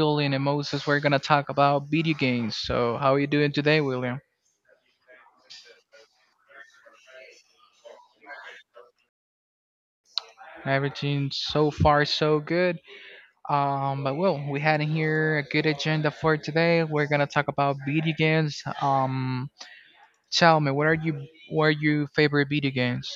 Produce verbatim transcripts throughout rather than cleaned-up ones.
William and Moses. We're gonna talk about video games. So, how are you doing today, William? Everything so far so good. Um, but well, we had in here a good agenda for today. We're gonna talk about video games. Um, tell me, what are you, what are your favorite video games?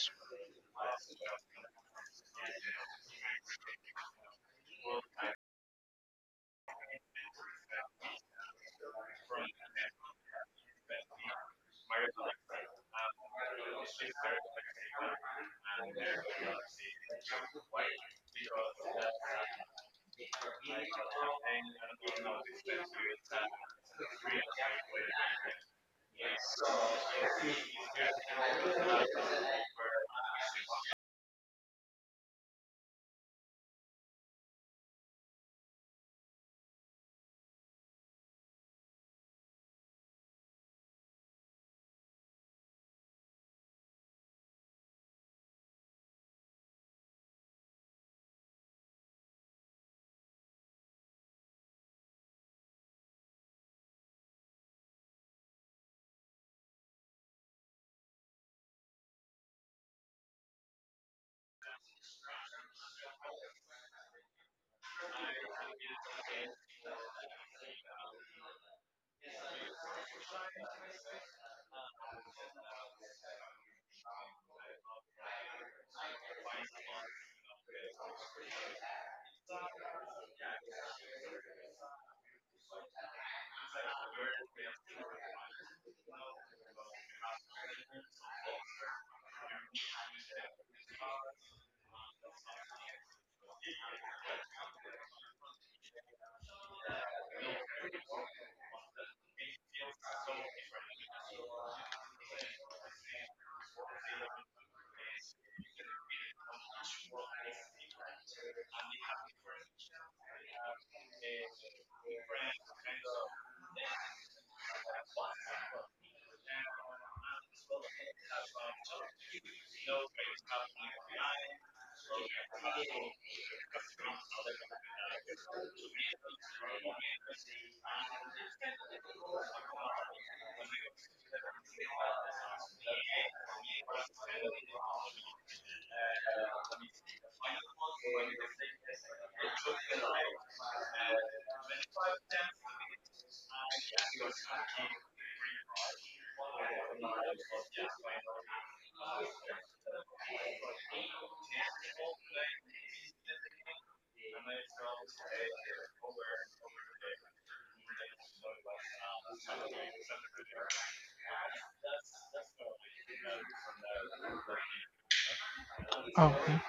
Okay,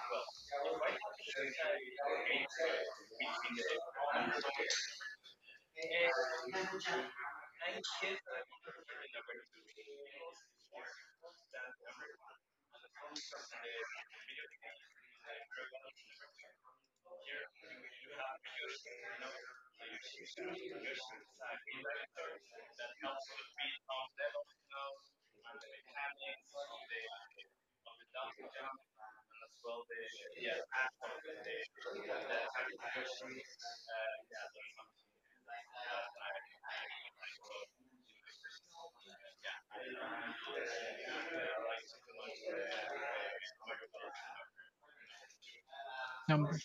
number.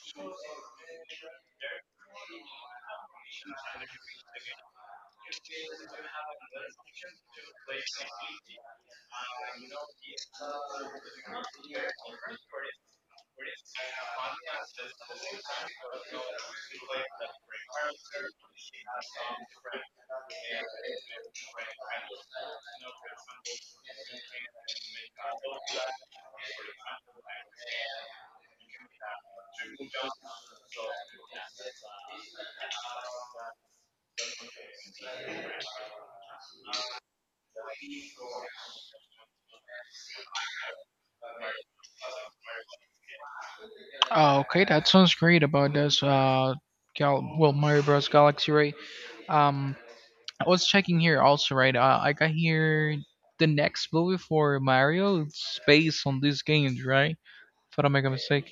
Oh, okay, that sounds great about this. Uh, Gal- well, Mario Bros. Galaxy, right? Um, I was checking here also, right? Uh, I got here the next movie for Mario. It's based on these games, right? If I don't make a mistake.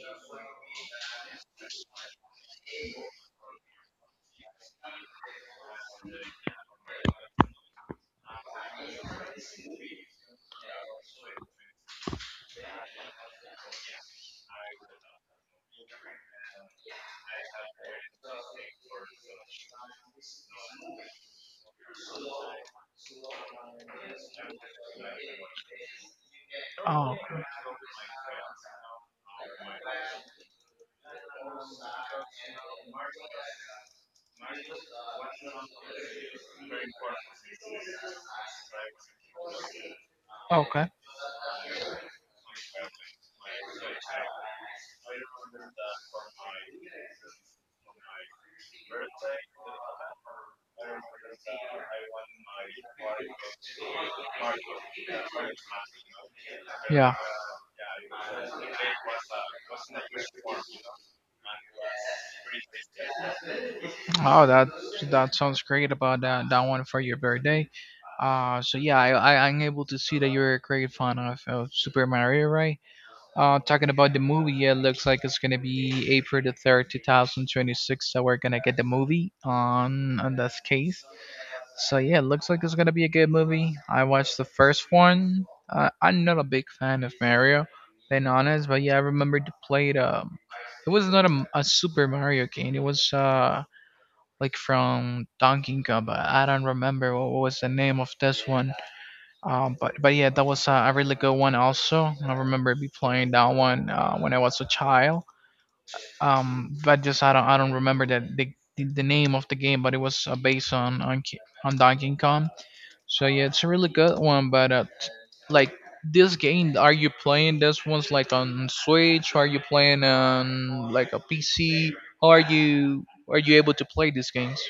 Oh, okay. Okay. Yeah. Oh, that that sounds great about that that one for your birthday. Uh, so yeah, I, I I'm able to see that you're a great fan of, of Super Mario, right? Uh, talking about the movie, yeah, it looks like it's gonna be April the third, two thousand twenty six. So we're gonna get the movie on on this case. So yeah, it looks like it's gonna be a good movie. I watched the first one. Uh, I'm not a big fan of Mario, being honest, but yeah, I remember to play it. Um, it was not a, a Super Mario game. It was uh like from Donkey Kong, but I don't remember what, what was the name of this one. Um, but but yeah, that was a, a really good one also. I remember be playing that one uh, when I was a child. Um, but just I don't I don't remember that the the the name of the game, but it was uh, based on on Ki- on Donkey Kong. So yeah, it's a really good one. But uh, t- like this game, are you playing this one's like on Switch? Or are you playing on like a P C? How are you are you able to play these games?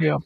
Yeah,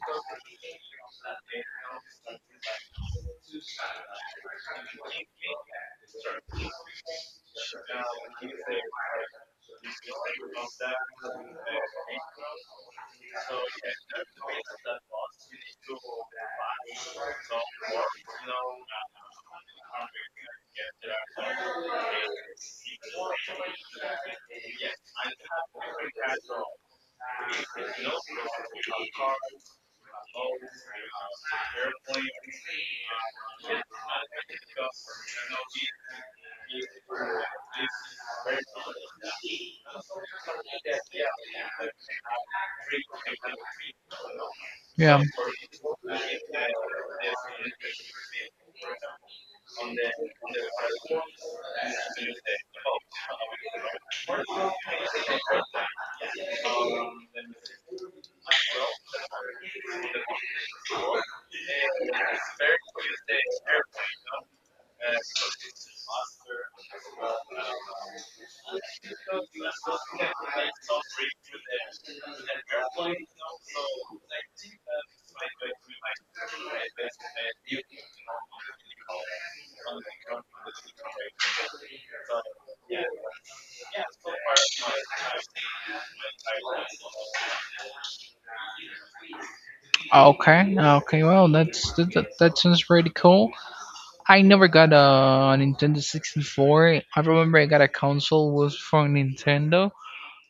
yeah, okay, okay. Well, that's that, that, that sounds pretty cool. I never got a Nintendo sixty-four. I remember I got a console was from Nintendo,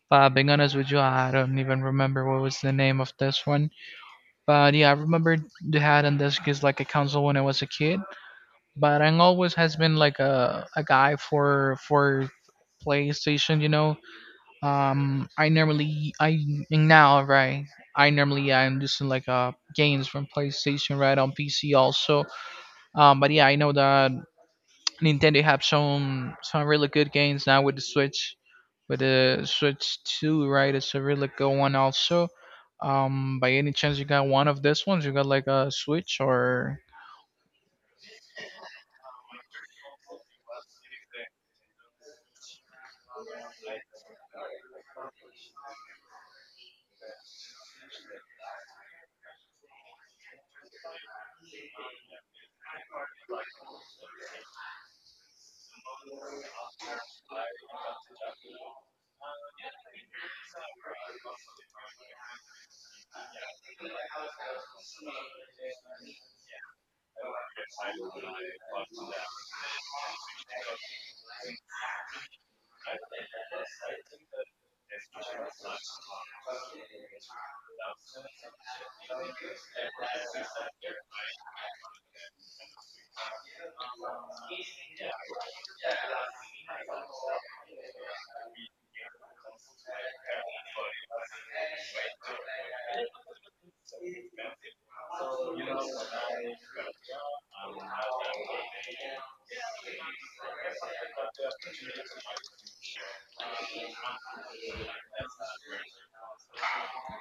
but being honest with you, I don't even remember what was the name of this one. But yeah, I remember they had on this is like a console when I was a kid. But I always has been like a, a guy for for PlayStation, you know. Um, I normally I now right. I normally I'm just in like uh games from PlayStation right on P C also. Um, but yeah, I know that Nintendo have some some really good games now with the Switch, with the Switch Two, right? It's a really good one also. Um, by any chance you got one of these ones? You got like a Switch or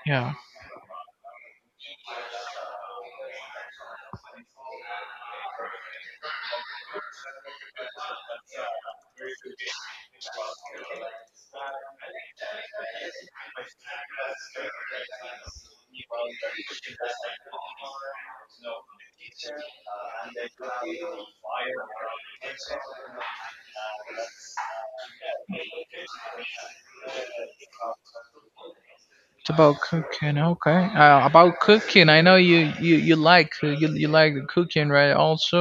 yeah? It's about cooking, okay? Uh, about cooking, I know you you you like you you like cooking, right? Also,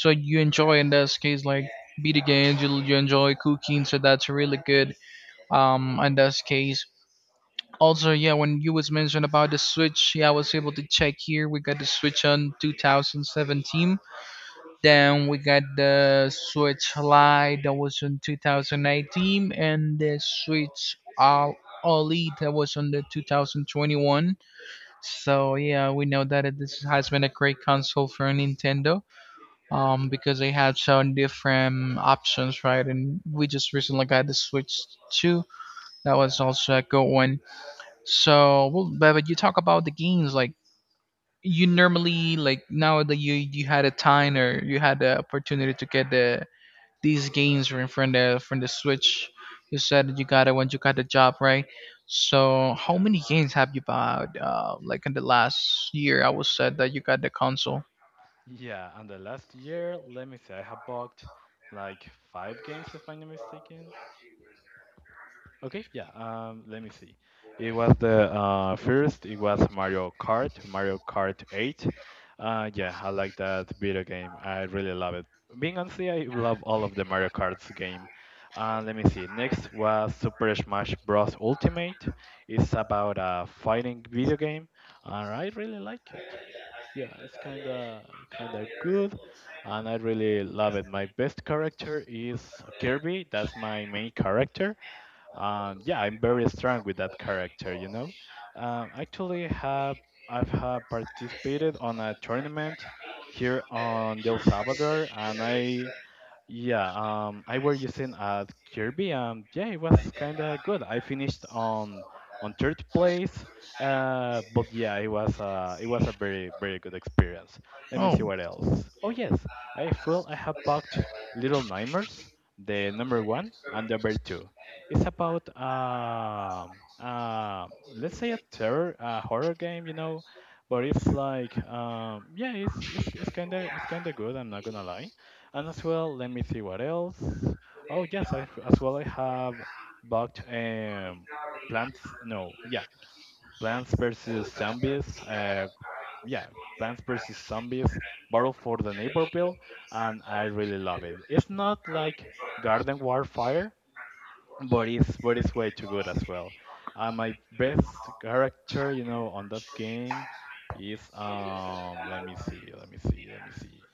so you enjoy in this case like video games. You you enjoy cooking, so that's really good. Um, in this case, also, yeah, when you was mentioned about the Switch, yeah, I was able to check here. We got the Switch on two thousand seventeen. Then we got the Switch Lite that was on two thousand eighteen, and the Switch All Elite that was on the twenty twenty-one. So yeah, we know that it- this has been a great console for Nintendo, um, because they had some different options, right? And we just recently got the Switch two. That Yeah, was also a good one. So, well, but when you talk about the games, like you normally like now that you you had a time or you had the opportunity to get the these games from from the from the Switch. You said that you got it when you got the job, right? So, how yeah, many games have you bought? Uh, like in the last year, I was said that you got the console. yeah. And the last year, let me see, I have bought like five games, if I'm not mistaken. Okay, yeah. Um, let me see. It was the uh first. It was Mario Kart, Mario Kart eight. Uh, yeah, I like that video game. I really love it. Being honest, I love all of the Mario Karts game. Uh, let me see. Next was Super Smash Bros. Ultimate. It's about a fighting video game, and I really like it. Yeah, it's kinda kinda good, and I really love it. My best character is Kirby. That's my main character. Um, yeah, I'm very strong with that character. You know, um, actually have I've have participated on a tournament here on El Salvador, and I yeah, um, I were using at Kirby, and yeah, it was kind of good. I finished on on third place, uh, but yeah, it was uh, it was a very very good experience. Let me see Oh, what else. Oh yes, I feel I have bought Little Nightmares, the number one and number two. It's about um uh, let's say a terror uh, horror game, you know, but it's like um, yeah, it's it's it's kind of it's kind of good. I'm not gonna lie. And as well, let me see what else. Oh yes, I as well I have bought um, plants. No, yeah, plants versus zombies. Uh, yeah, plants versus zombies. Battle for the neighbor bill, and I really love it. It's not like Garden Warfare, but it's but it's way too good as well. Uh, my best character, you know, on that game is um. Let me see. Let me see. Let me see.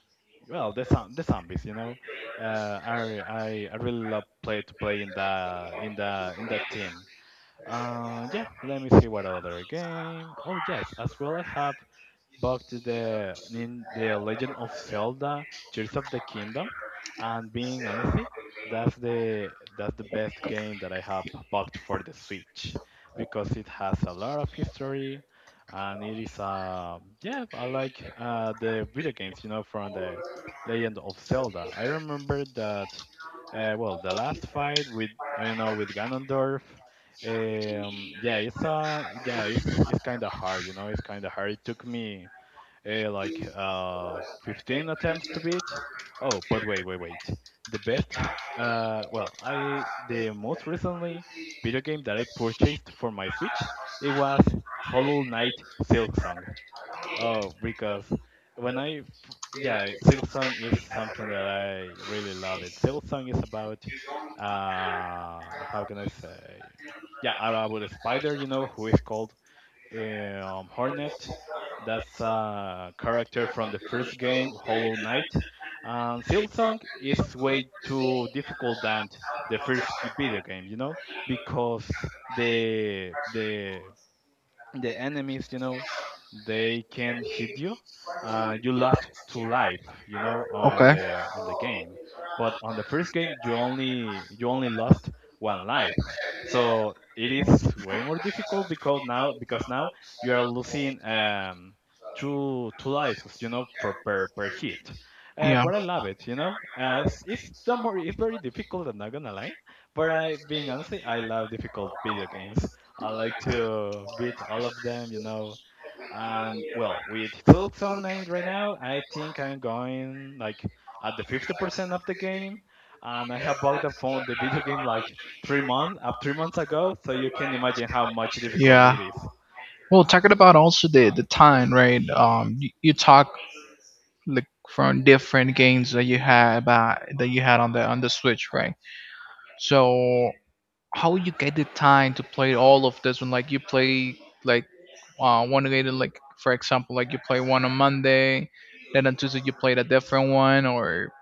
Well, the zom- the zombies, you know. Uh, I I I really love play to play in the in the in that team. Uh, yeah, let me see what other game. Oh yes, as well I have bought the in the Legend of Zelda Tears of the Kingdom, and being honestly, that's the that's the best game that I have bought for the Switch because it has a lot of history, and it is uh yeah I like uh the video games you know from the Legend of Zelda. I remember that uh, well the last fight with you know with Ganondorf um, yeah, it's uh, yeah, it's it's kind of hard, you know. It's kind of hard. It took me uh, like uh fifteen attempts to beat. Oh, but wait, wait, wait. The best, uh, well, I the most recently video game that I purchased for my Switch, it was Hollow Knight Silksong. Oh, because when I, f- yeah, Silksong is something that I really love. It Silksong is about, uh, how can I say, yeah, about a spider, you know, who is called um, Hornet. That's a character from the first game, Hollow Knight. And Silksong is way too difficult than the first g- video game, you know, because the the the enemies, you know, they can hit you. Uh, you lost two life, you know, on okay. the on the game. But on the first game, you only you only lost one life. So it is way more difficult because now because now you are losing um, two two lives, you know, for per per hit. Uh, Yeah. but I love it, you know. Uh, it's it's some more, it's very difficult. I'm not gonna lie, but I being honest, I love difficult video games. I like to beat all of them, you know. And well, with Silk Song nine right now, I think I'm going like at the fifty percent of the game. And I have bought the phone, the video game, like three months, up three months ago. So you can imagine how much difficult Yeah. it is. Well, talking about also the the time, right? Um, you, you talk like from different games that you had about that you had on the on the Switch, right? So how you get the time to play all of this when like you play like uh one day, like for example like you play one on Monday, then on Tuesday you played a different one or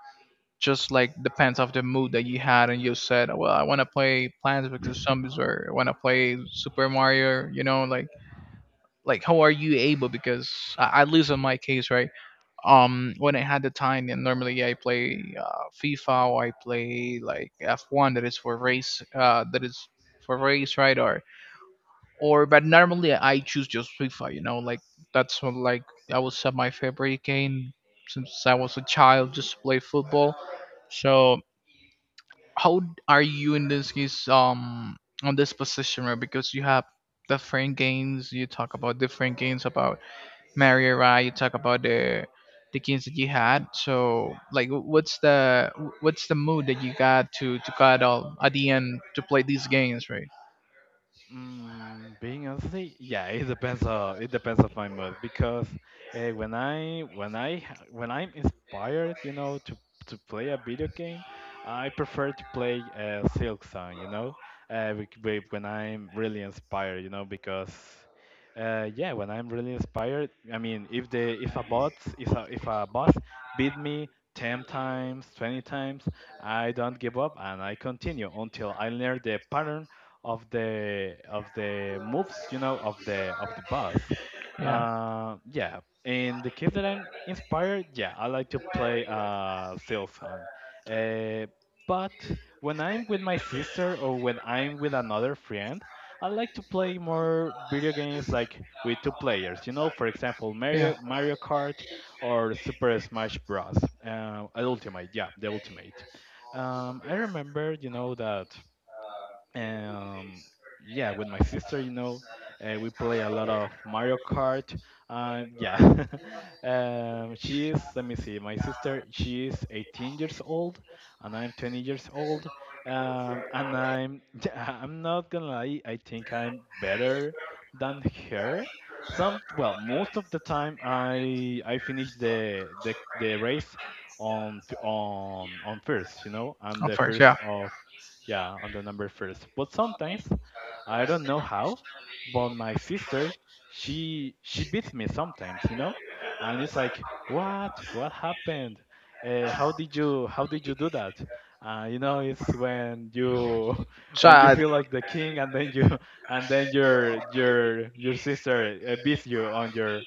just like depends of the mood that you had and you said, well, I want to play Plants vs Zombies or I want to play Super Mario, you know, like like how are you able because I at least in my case, right? um when I had the time and normally I play uh, FIFA or I play like F one that is for race uh that is for race right, or or but normally I choose just FIFA, you know, like that's what, like I was uh, my favorite game since I was a child just to play football. So how d- are you in this case um on this position, right? Because you have different games. You talk about different games about Mario, right? You talk about the the games that you had. So like wh- what's the wh- what's the mood that you got to to got all at the end to play these games, right? Mm, being honestly, yeah, it depends on it depends on my mood because uh, when I when I ha- when I'm inspired, you know, to to play a video game, I prefer to play uh, Silk Song, you know. Uh, wi- wi- when I'm really inspired, you know, because uh, yeah, when I'm really inspired, I mean, if the if a bot if a if a boss beat me ten times, twenty times, I don't give up and I continue until I learn the pattern of the of the moves, you know, of the of the boss. Yeah, Uh, yeah, in the case that I'm inspired, yeah, I like to play a sales song. Uh, but when I'm with my sister or when I'm with another friend, I like to play more video games like with two players. You know, for example, yeah. Mario Mario Kart or Super Smash Bros. Uh, Ultimate, yeah, the Ultimate. Um, I remember, you know, that um yeah with my sister you know uh, we play a lot of Mario Kart. uh, yeah um, she is, let me see, my sister, she is eighteen years old and I'm twenty years old, um, and I'm yeah, I'm not gonna lie, I think I'm better than her. Some Well, most of the time i i finish the the, the race on f- on on first, you know. I'm Of the course, first yeah. of yeah, on the number first. But sometimes, I don't know how, but my sister, she she beats me sometimes, you know, and it's like, what? What happened? Uh, how did you how did you do that? Uh, you know, it's when you when you Chad, feel like the king, and then you and then your your your sister uh, beats you on your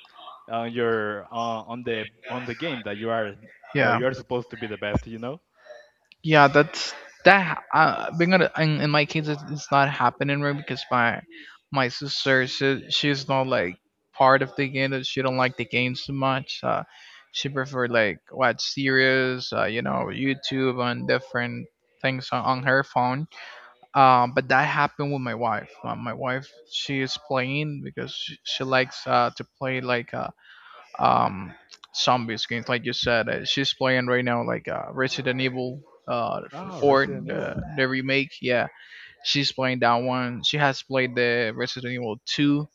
on your uh, on the on the game that you are where yeah. you are supposed to be the best, you know. Yeah, that's that uh, being a, in, in my case it's, it's not happening right because my my sister, she, she's not like part of the game. That She don't like the games too much. Uh she prefer like watch series, uh, you know, YouTube and different things on, on her phone. Um but that happened with my wife. Uh, my wife she is playing because she, she likes uh to play like uh, um, zombies games, like you said. Uh, she's playing right now, like uh, Resident Evil uh, Oh, four, Resident the, Evil. the remake. Yeah, she's playing that one. She has played the Resident Evil two.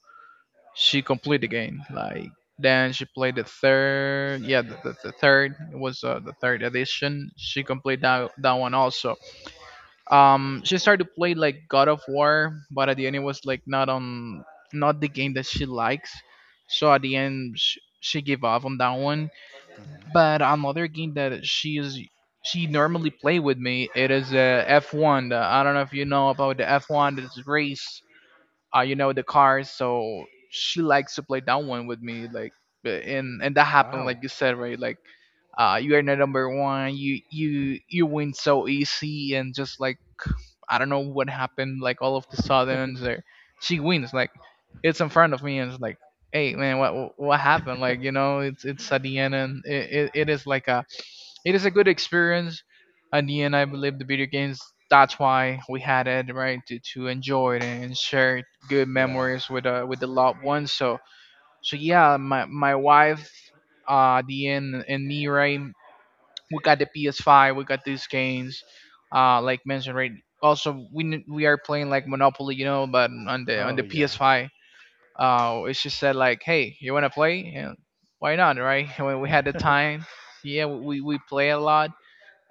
She completed the game. Like then she played the third. Yeah, the, the, the third it was uh, the third edition. She completed that that one also. Um, she started to play like God of War, but at the end it was like not on not the game that she likes. So at the end, sh- she gave up on that one, Hmm. but another game that she is she normally play with me, it is a F one. I don't know if you know about the F one this race, uh, you know, the cars. So she likes to play that one with me, like, but and and that happened, Wow. like you said, right? Like, uh, you are the number one. You you you win so easy, and just like I don't know what happened, like all of the sudden, there she wins. Like, it's in front of me, and it's like, hey man, what what happened? Like, you know, it's it's at the end, and it, it, it is like a it is a good experience. At the end, I believe the video games. That's why we had it, right? To, to enjoy it and share good Yeah. memories with uh, with the loved ones. So so yeah, my my wife, uh, at the end and me, right? We got the P S five. We got these games. Uh, like mentioned, right? Also, we n- we are playing like Monopoly, you know, but on the on Oh, the yeah. P S five. Uh, it's just said like, hey, you wanna play? And why not, right? When we had the time, yeah, we we play a lot.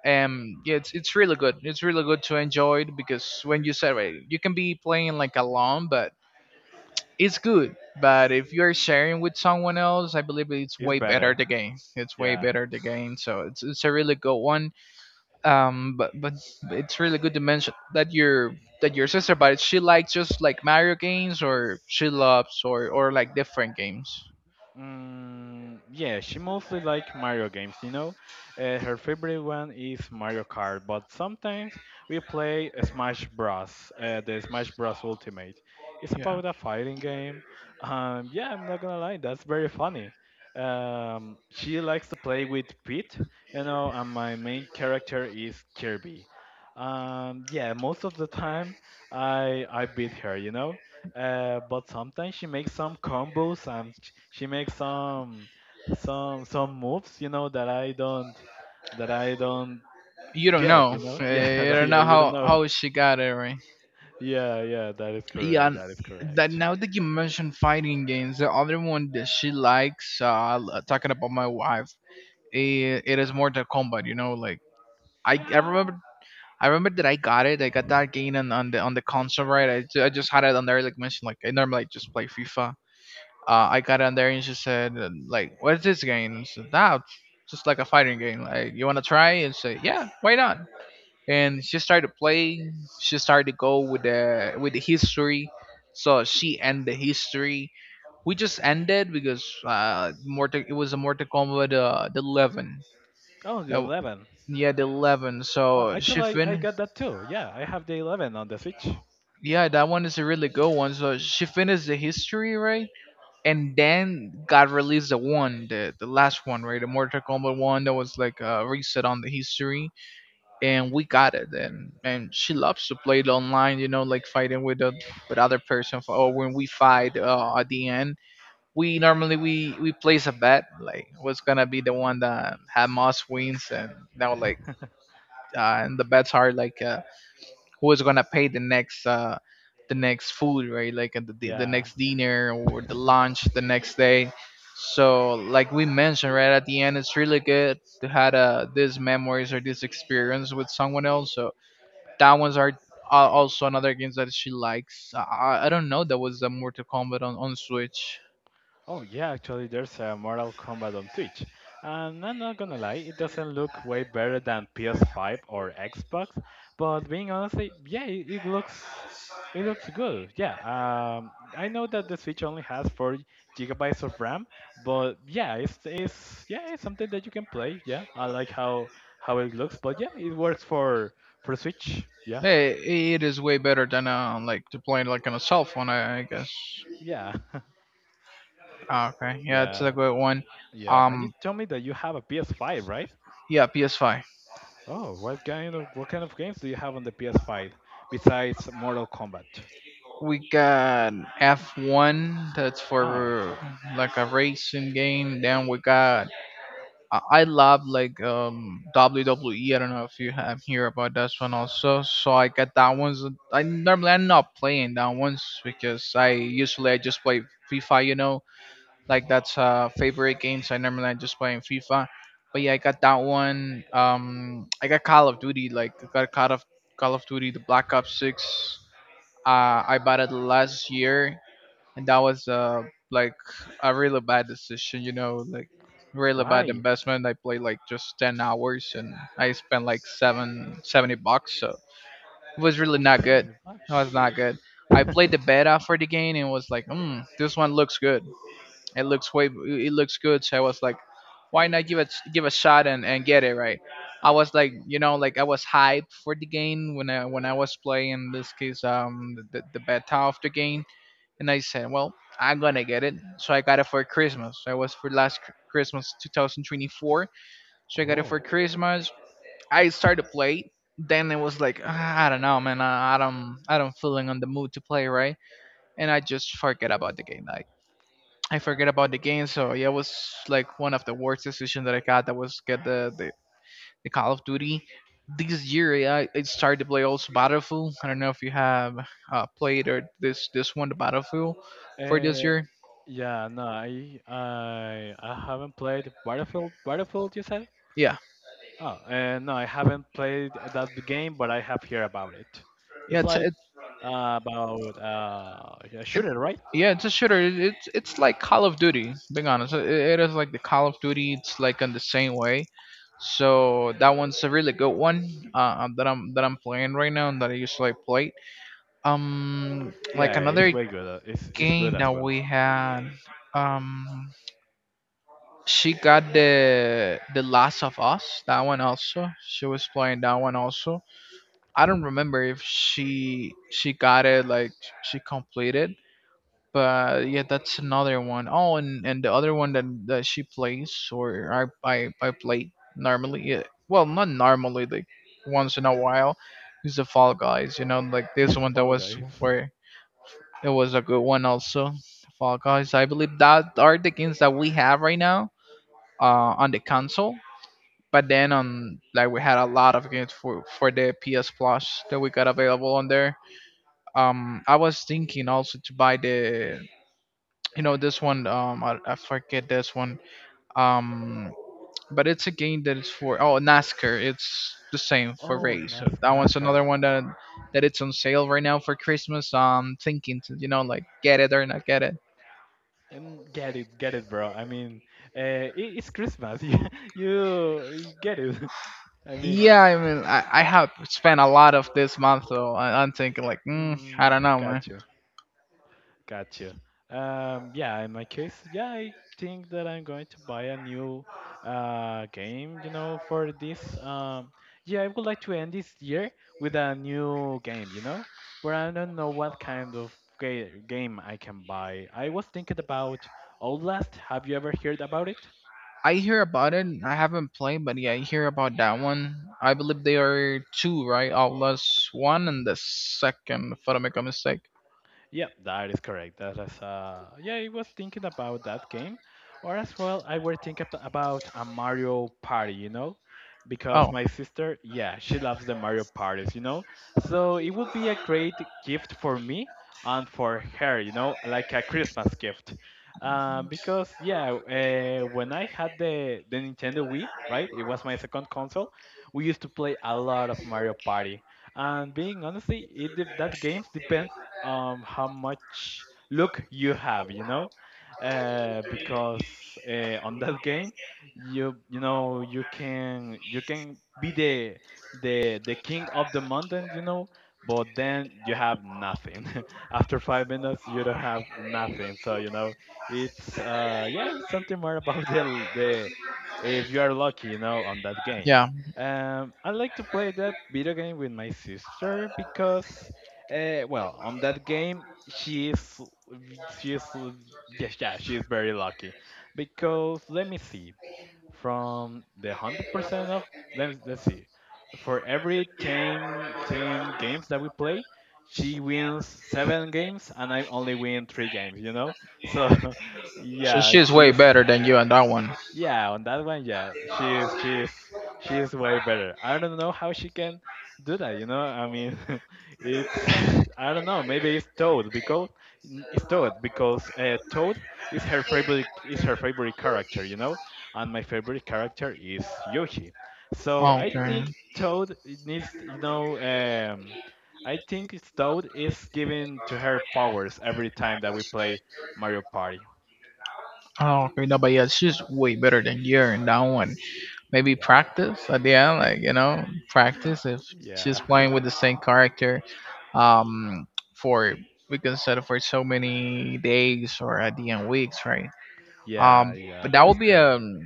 um Yeah, it's it's really good, it's really good to enjoy it, because when you celebrate it, you can be playing like alone, but it's good. But if you're sharing with someone else, I believe it's It's way better better. the game, it's way Yeah. better the game. So it's it's a really good one. Um but but it's really good to mention that your that your sister, but she likes just like Mario games, or she loves or or like different games. Mm, yeah, she mostly like Mario games, you know. Uh, her favorite one is Mario Kart, but sometimes we play Smash Bros. Uh, the Smash Bros. Ultimate. It's Yeah. about a fighting game. Um, yeah, I'm not gonna lie, that's very funny. Um, she likes to play with Pete, you know, and my main character is Kirby. Um, yeah, most of the time I I beat her, you know. Uh, but sometimes she makes some combos and sh- she makes some some some moves, you know, that I don't that I don't You don't know. get, you know. Uh, Yeah, You that, don't yeah, know you don't how know. how she got it right. Yeah, yeah, that is Yeah. correct. And That is that correct. now that you mentioned fighting games, the other one that she likes, uh, l- talking about my wife, it, it is Mortal Kombat. You know, like I, I remember. Yeah. I remember that I got it. I got that game on, on the on the console, right? I, ju- I just had it on there, like mentioned, like I normally just play FIFA. Uh, I got on there and she said, uh, like, what is this game? I said, nah, it's just like a fighting game. Like, you want to try? And say, yeah, why not? And she started to play. She started to go with the with the history. So she and the history. We just ended because uh, Mortal, it was a Mortal Kombat uh, the eleven. Oh, the Uh, eleven. yeah, the eleven. Oh, So she actually, I, I fin. got that too. Yeah, I have the eleven on the Switch. Yeah, that one is a really good one. So she finished the history, right? And then got released the one, the the last one, right? The Mortal Kombat one that was like a reset on the history, and we got it. And and she loves to play it online, you know, like fighting with the with other person. For, or when we fight uh, at the end, we normally we we place a bet, like what's gonna be the one that had most wins. And now like uh, and the bets are like, Uh, who is gonna pay the next uh the next food, right? Like uh, the, the the Yeah. next dinner or the lunch the next day. So like we mentioned, right, at the end it's really good to have uh, these memories or this experience with someone else. So that ones are uh, also another games that she likes. I, I I don't know that was a Mortal Kombat on, on Switch. Oh yeah, actually there's a Mortal Kombat on Switch. And I'm not gonna lie, it doesn't look way better than P S five or Xbox, but being honest, it- yeah, it, it looks it looks good. Yeah, um, I know that the Switch only has four gigabytes of RAM, but yeah, it's it's yeah, it's something that you can play. Yeah, I like how how it looks, but yeah, it works for for Switch. Yeah. Hey, it is way better than uh, like to play like on a cell phone, I, I guess. Yeah. Ah, okay, yeah, it's Yeah. a good one. Yeah. And you Um, tell me that you have a P S five, right? yeah, P S five. Oh, what kind of what kind of games do you have on the P S five besides Mortal Kombat? We got F one, that's Ah, for like a racing game. Then we got I I love like um W W E. I don't know if you have hear about that one also. So I got that one's. I normally I'm not playing that ones, because I usually I just play FIFA, you know. Like that's uh favorite games. I normally I just play in FIFA. But yeah, I got that one. Um I got Call of Duty, like I got Call of Call of Duty the Black Ops six. uh, I bought it last year and that was uh like a really bad decision, you know, like really bad why? investment. I played like just ten hours and I spent like seven seventy bucks, so it was really not Sell good. the It was not bucks. good. I played the beta for the game and was like, hmm, this one looks good. It looks way it looks good. So I was like, why not give it give a shot and, and get it, right? I was like, you know, like I was hyped for the game when i when I was playing in this case um the, the beta of the game. And I said, well, I'm gonna get it. So I got it for Christmas. So it was for last Chr- Christmas two thousand twenty-four. So I got it Oh. for Christmas. I started to play. Then it was like, "Ah, I don't know, man. I, I don't, I don't feeling on the mood to play, right?" And I just forget about the game. Like I forget about the game. So yeah, it was like one of the worst decisions that I got. That was get the the, the Call of Duty. This year, yeah, I started to play also Battlefield. I don't know if you have uh, played or this this one, the Battlefield, for this Uh, year. yeah, no, I, I I haven't played Battlefield. Battlefield, you said? Yeah, Oh, uh, no, I haven't played that game, but I have heard about it. yeah, It's it's like it, uh, about uh, a shooter, right? yeah, it's a shooter. It, it's it's like Call of Duty. Being honest, it, it is like the Call of Duty. It's like in the same way. So that one's a really good one uh, um, that I'm that I'm playing right now and that I usually play. Um, like Yeah, it's another way good. uh, It's it's good game as that well. we had. Um, she got the the Last of Us. That one also. She was playing that one also. I don't remember if she she got it, like she completed, but yeah, that's another one. Oh, and and the other one that, that she plays or i i, I play normally, yeah, well, not normally, like once in a while, is the Fall Guys, you know, like this one. That Fall was Guys. for it was a good one also, Fall Guys. I believe that are the games that we have right now uh on the console. But then on like we had a lot of games for for the PS Plus that we got available on there. um I was thinking also to buy the, you know, this one. um I, I forget this one. um but it's a game that is for, oh, NASCAR. It's the same for Oh, race. Nas so that one's NASCAR. another one that that it's on sale right now for Christmas. Um, thinking to, you know, like get it or not get it. And get it, get it, bro. I mean, uh, I it's Christmas. You, you, you get it. I mean, Yeah, I mean, I, I have spent a lot of this month, so I, I'm thinking like, mm, I mm, don't know, man. got you, got you. Um, yeah, in my case, yeah, I think that I'm going to buy a new uh, game, you know, for this. Um, yeah, I would like to end this year with a new game, you know, but I don't know what kind of ga game I can buy. I was thinking about Outlast. Have you ever heard about it? I hear about it, I haven't played, but yeah, I hear about that one. I believe there are two, right? Outlaws one and the second, if I don't make a mistake. Yeah, that is correct. That is, uh, yeah, I was thinking about that game, or as well, I were thinking ab- about a Mario Party, you know, because Oh my sister, yeah, she loves the Mario parties, you know, so it would be a great gift for me and for her, you know, like a Christmas gift, uh, because yeah, uh, when I had the the Nintendo Wii, right, it was my second console. We used to play a lot of Mario Party, and being honestly, it de- that games depends um, how much luck you have, you know, uh, because uh, on that game, you you know you can you can be the the the king of the mountain, you know, but then you have nothing. After five minutes, you don't have nothing. So you know, it's uh, yeah, it's something more about the l- the if you are lucky, you know, on that game. yeah. Um, I like to play that video game with my sister because uh, well, on that game, she is she is yes, yeah, she is very lucky because let me see. From the hundred percent of let's let's see, for every ten ten games that we play, she wins seven games and I only win three games. You know, so So yeah, she's way she's better than you on that one. yeah, on that one, yeah, she's she's she's way better. I don't know how she can do that. You know, I mean, it's I don't know. Maybe it's Toad because n- it's Toad because uh, Toad is her favorite is her favorite character. You know, and my favorite character is Yoshi. So I Okay. think Toad needs you know. Um, I think it's Toad is giving to her powers every time that we play Mario Party. Oh, okay. No, but yeah, she's way better than you in that one. Maybe Yeah, practice at the end, like, you know, practice if she's yeah. playing with the same character, um, for we can set it for so many days or at the end weeks, right? Yeah, Um, yeah, but that that would is be correct. um.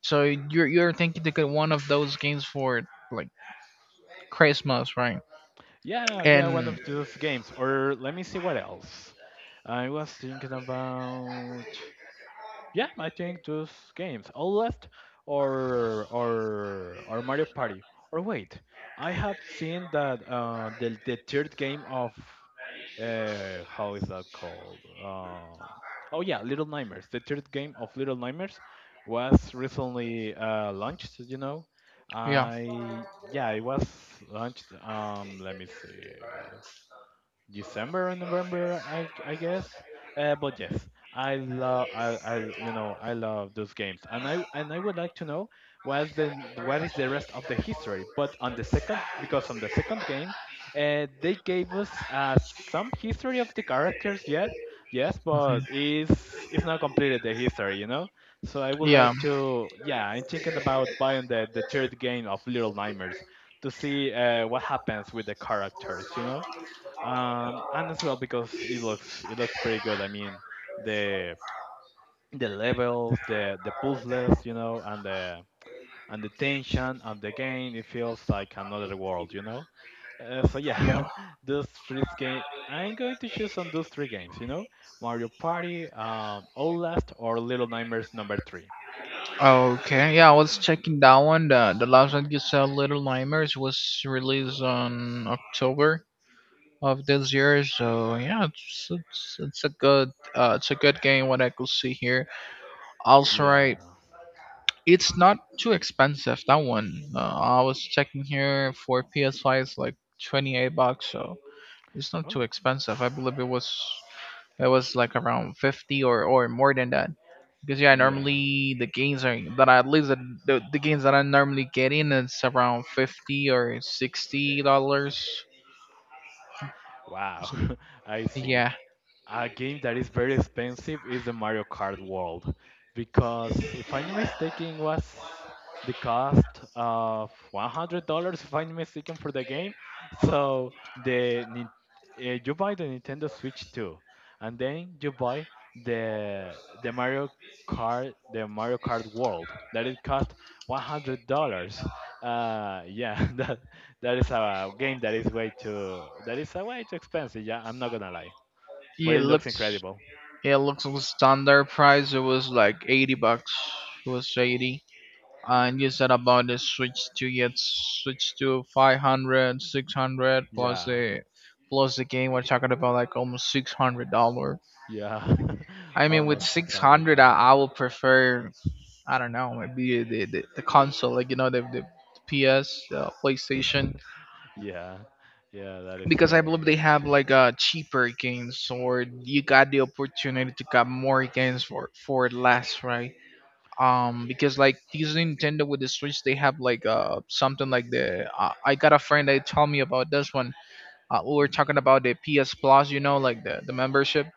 So you're you're thinking to get one of those games for like Christmas, right? Yeah, yeah, one And of those games. Or let me see what else I was thinking about. Yeah, I think those games, All Left or or or Mario Party. Or wait, I have seen that uh, the the third game of uh, how is that called? Um oh yeah, Little Nightmares. The third game of Little Nightmares was recently uh, launched. You know, yeah, I yeah, it was launched. Um, let me see. December or November, I I guess. Uh, but yes, I love I, I you know I love those games, and I and I would like to know what's the what is the rest of the history. But on the second, because on the second game, uh, they gave us uh, some history of the characters. Yes, yes, but mhm, it's it's not completed the history, you know. So I would yeah, like to yeah, I'm thinking about buying the the third game of Little Nightmares to see uh, what happens with the characters, you know um, and as well because it looks it looks pretty good. I mean, the the levels, the the puzzles, you know, and the and the tension of the game, it feels like another world, you know. Uh, so yeah, yeah, those three games. I'm going to choose on those three games, you know, Mario Party, um, Outlast, or Little Nightmares Number Three. okay, yeah, I was checking that one. The, the last one you said, Little Nightmares, was released on October of this year. So yeah, it's it's, it's a good uh, it's a good game. What I could see here. Also, Yeah. right, it's not too expensive. That one. Uh, I was checking here for P S five, it's like twenty-eight bucks. So it's not too Oh. expensive. I believe it was. It was like around fifty or, or more than that. Because yeah, Yeah. normally the gains are that I, at least the, the, the gains that I normally get in, it's around fifty or sixty dollars. Wow. So, I see. yeah, A game that is very expensive is the Mario Kart World, because if I'm not mistaken, was the cost of one hundred dollars if I'm not mistaken for the game. So the Nin- eh, you buy the Nintendo Switch two, and then you buy the the Mario Kart the Mario Kart World that it cost one hundred dollars. Uh, yeah, that that is a game that is way too that is a way too expensive. Yeah, I'm not gonna lie, but it it looks looks incredible. it looks like standard price. It was like eighty bucks. It was eighty. And you said about the switch to get switch to five hundred, six hundred plus Yeah, the plus the game. We're talking about like almost six hundred dollars. yeah, I mean, with almost six hundred six hundred, I, dollars. I would prefer, I don't know, maybe the, the, the console, like, you know, the, the P S, uh, PlayStation, Yeah, yeah, that is because I believe they correct. have, like, uh, cheaper games, or you got the opportunity to get more games for, for less, right? Um, because, like, these Nintendo with the Switch, they have, like, uh, something like the, uh, I got a friend that told me about this one. Uh, we were Mhm. talking about the P S Plus, you know, like, the, the membership,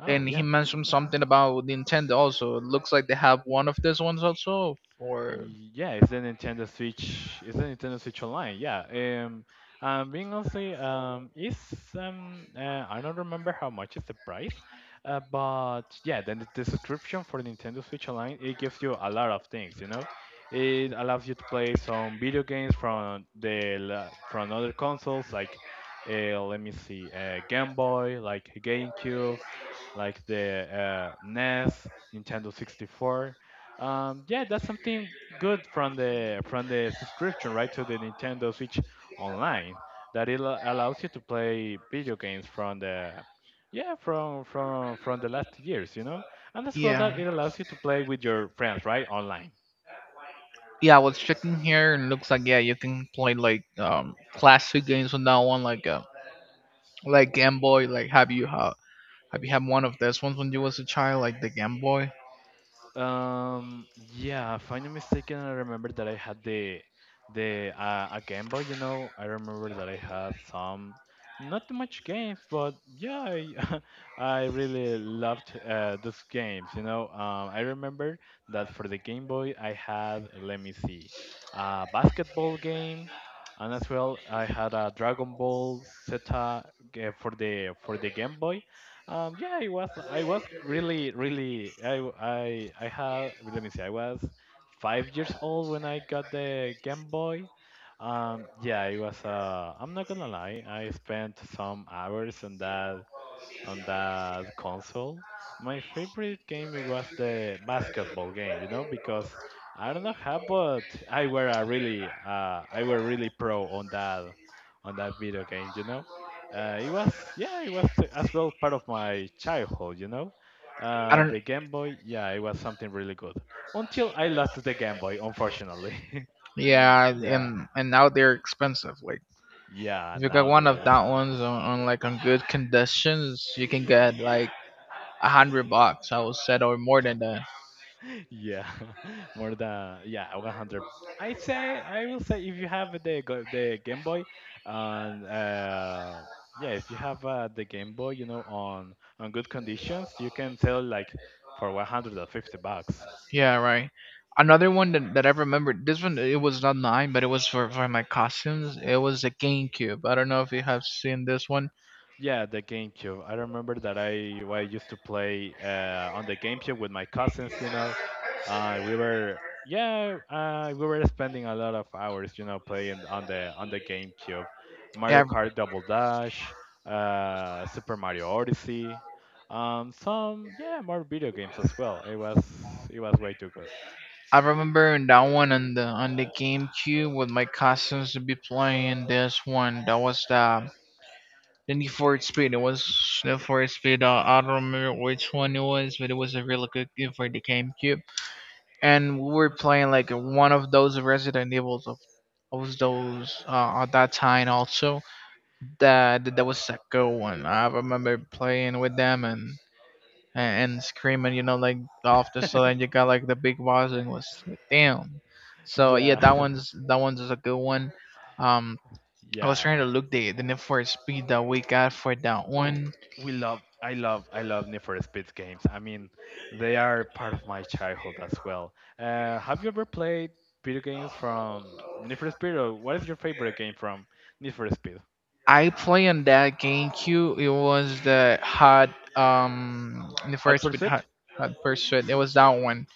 Oh and he yeah, mentioned something about Nintendo also. It looks like they have one of these ones also for, yeah, it's a Nintendo Switch. It's a Nintendo Switch Online. Yeah. Um, um, being honestly, um, it's um, uh, I don't remember how much is the price, uh, but yeah, then the the subscription for Nintendo Switch Online, it gives you a lot of things. You know, it allows you to play some video games from the la- from other consoles like, uh, let me see, uh, Game Boy, like GameCube, like the uh, N E S, Nintendo sixty-four. Um, yeah, that's something good from the from the subscription right to the Nintendo Switch Online, that it al- allows you to play video games from the yeah from from from the last years, you know, and as well that yeah. it allows you to play with your friends right online. Yeah, I was checking here and it looks like, yeah, you can play like um classic games on that one, like uh like Game Boy. Like have you ha have you had one of these ones when you was a child, like the Game Boy? Um, yeah, if I'm not mistaken, I remember that I had the the uh, a Game Boy. You know, I remember that I had some not too much games, but yeah, I I really loved uh, those games. You know, um, I remember that for the Game Boy, I had, let me see, a basketball game, and as well I had a Dragon Ball Z uh, for the for the Game Boy. Um, yeah, I was I was really really I w- I I had let me see I was five years old when I got the Game Boy. Um, yeah, it was. Uh, I'm not gonna lie, I spent some hours on that on that console. My favorite game, it was the basketball game, you know, because I don't know how, but I were a really, uh, I were really pro on that, on that video game, you know. Uh, it was, yeah, it was as well part of my childhood, you know. I Uh, don't, the Game Boy, yeah, it was something really good. Until I lost the Game Boy, unfortunately. yeah, Yeah, and and now they're expensive. Like yeah, if you got now one they of are that expensive. ones on, on like on good conditions, you can get like a hundred bucks, I would say, or more than that. Yeah, more than yeah, a hundred. I say I will say, if you have the go- the Game Boy, and uh, yeah, if you have uh, the Game Boy, you know, on on good conditions, you can sell like for one hundred fifty bucks. Yeah, right. Another one that, that I remember, this one, it was not mine, but it was for, for my costumes. It was a GameCube. I don't know if you have seen this one. Yeah, the GameCube. I remember that I, well, I used to play uh, on the GameCube with my cousins. You know, uh, we were yeah, uh, we were spending a lot of hours, you know, playing on the on the GameCube. Mario Yeah, Kart Double Dash, uh, Super Mario Odyssey, um, some yeah, more video games as well. It was it was way too good. I remember in that one on the on the GameCube with my costumes to be playing this one. That was the, the Need for Speed. It was Need for Speed. Uh, I don't remember which one it was, but it was a really good game for the GameCube. And we were playing like one of those Resident Evils of, of those uh, at that time also. That that that was a good one. I remember playing with them and and, and screaming, you know, like off the sudden you got like the big boss and it was like, damn. So yeah, Yeah, that one's that one's is a good one. Um, I was trying yeah. to look the the Need for Speed that we got for that Oh, one. we love, I love, I love Need for Speed games. I mean, they are part of my childhood as well. Uh, have you ever played video games from Need for Speed, or what is your favorite game from Need for Speed? I play on that GameCube. It was the Hot um the Hot first with Hot Pursuit? Hot Pursuit. It was that one.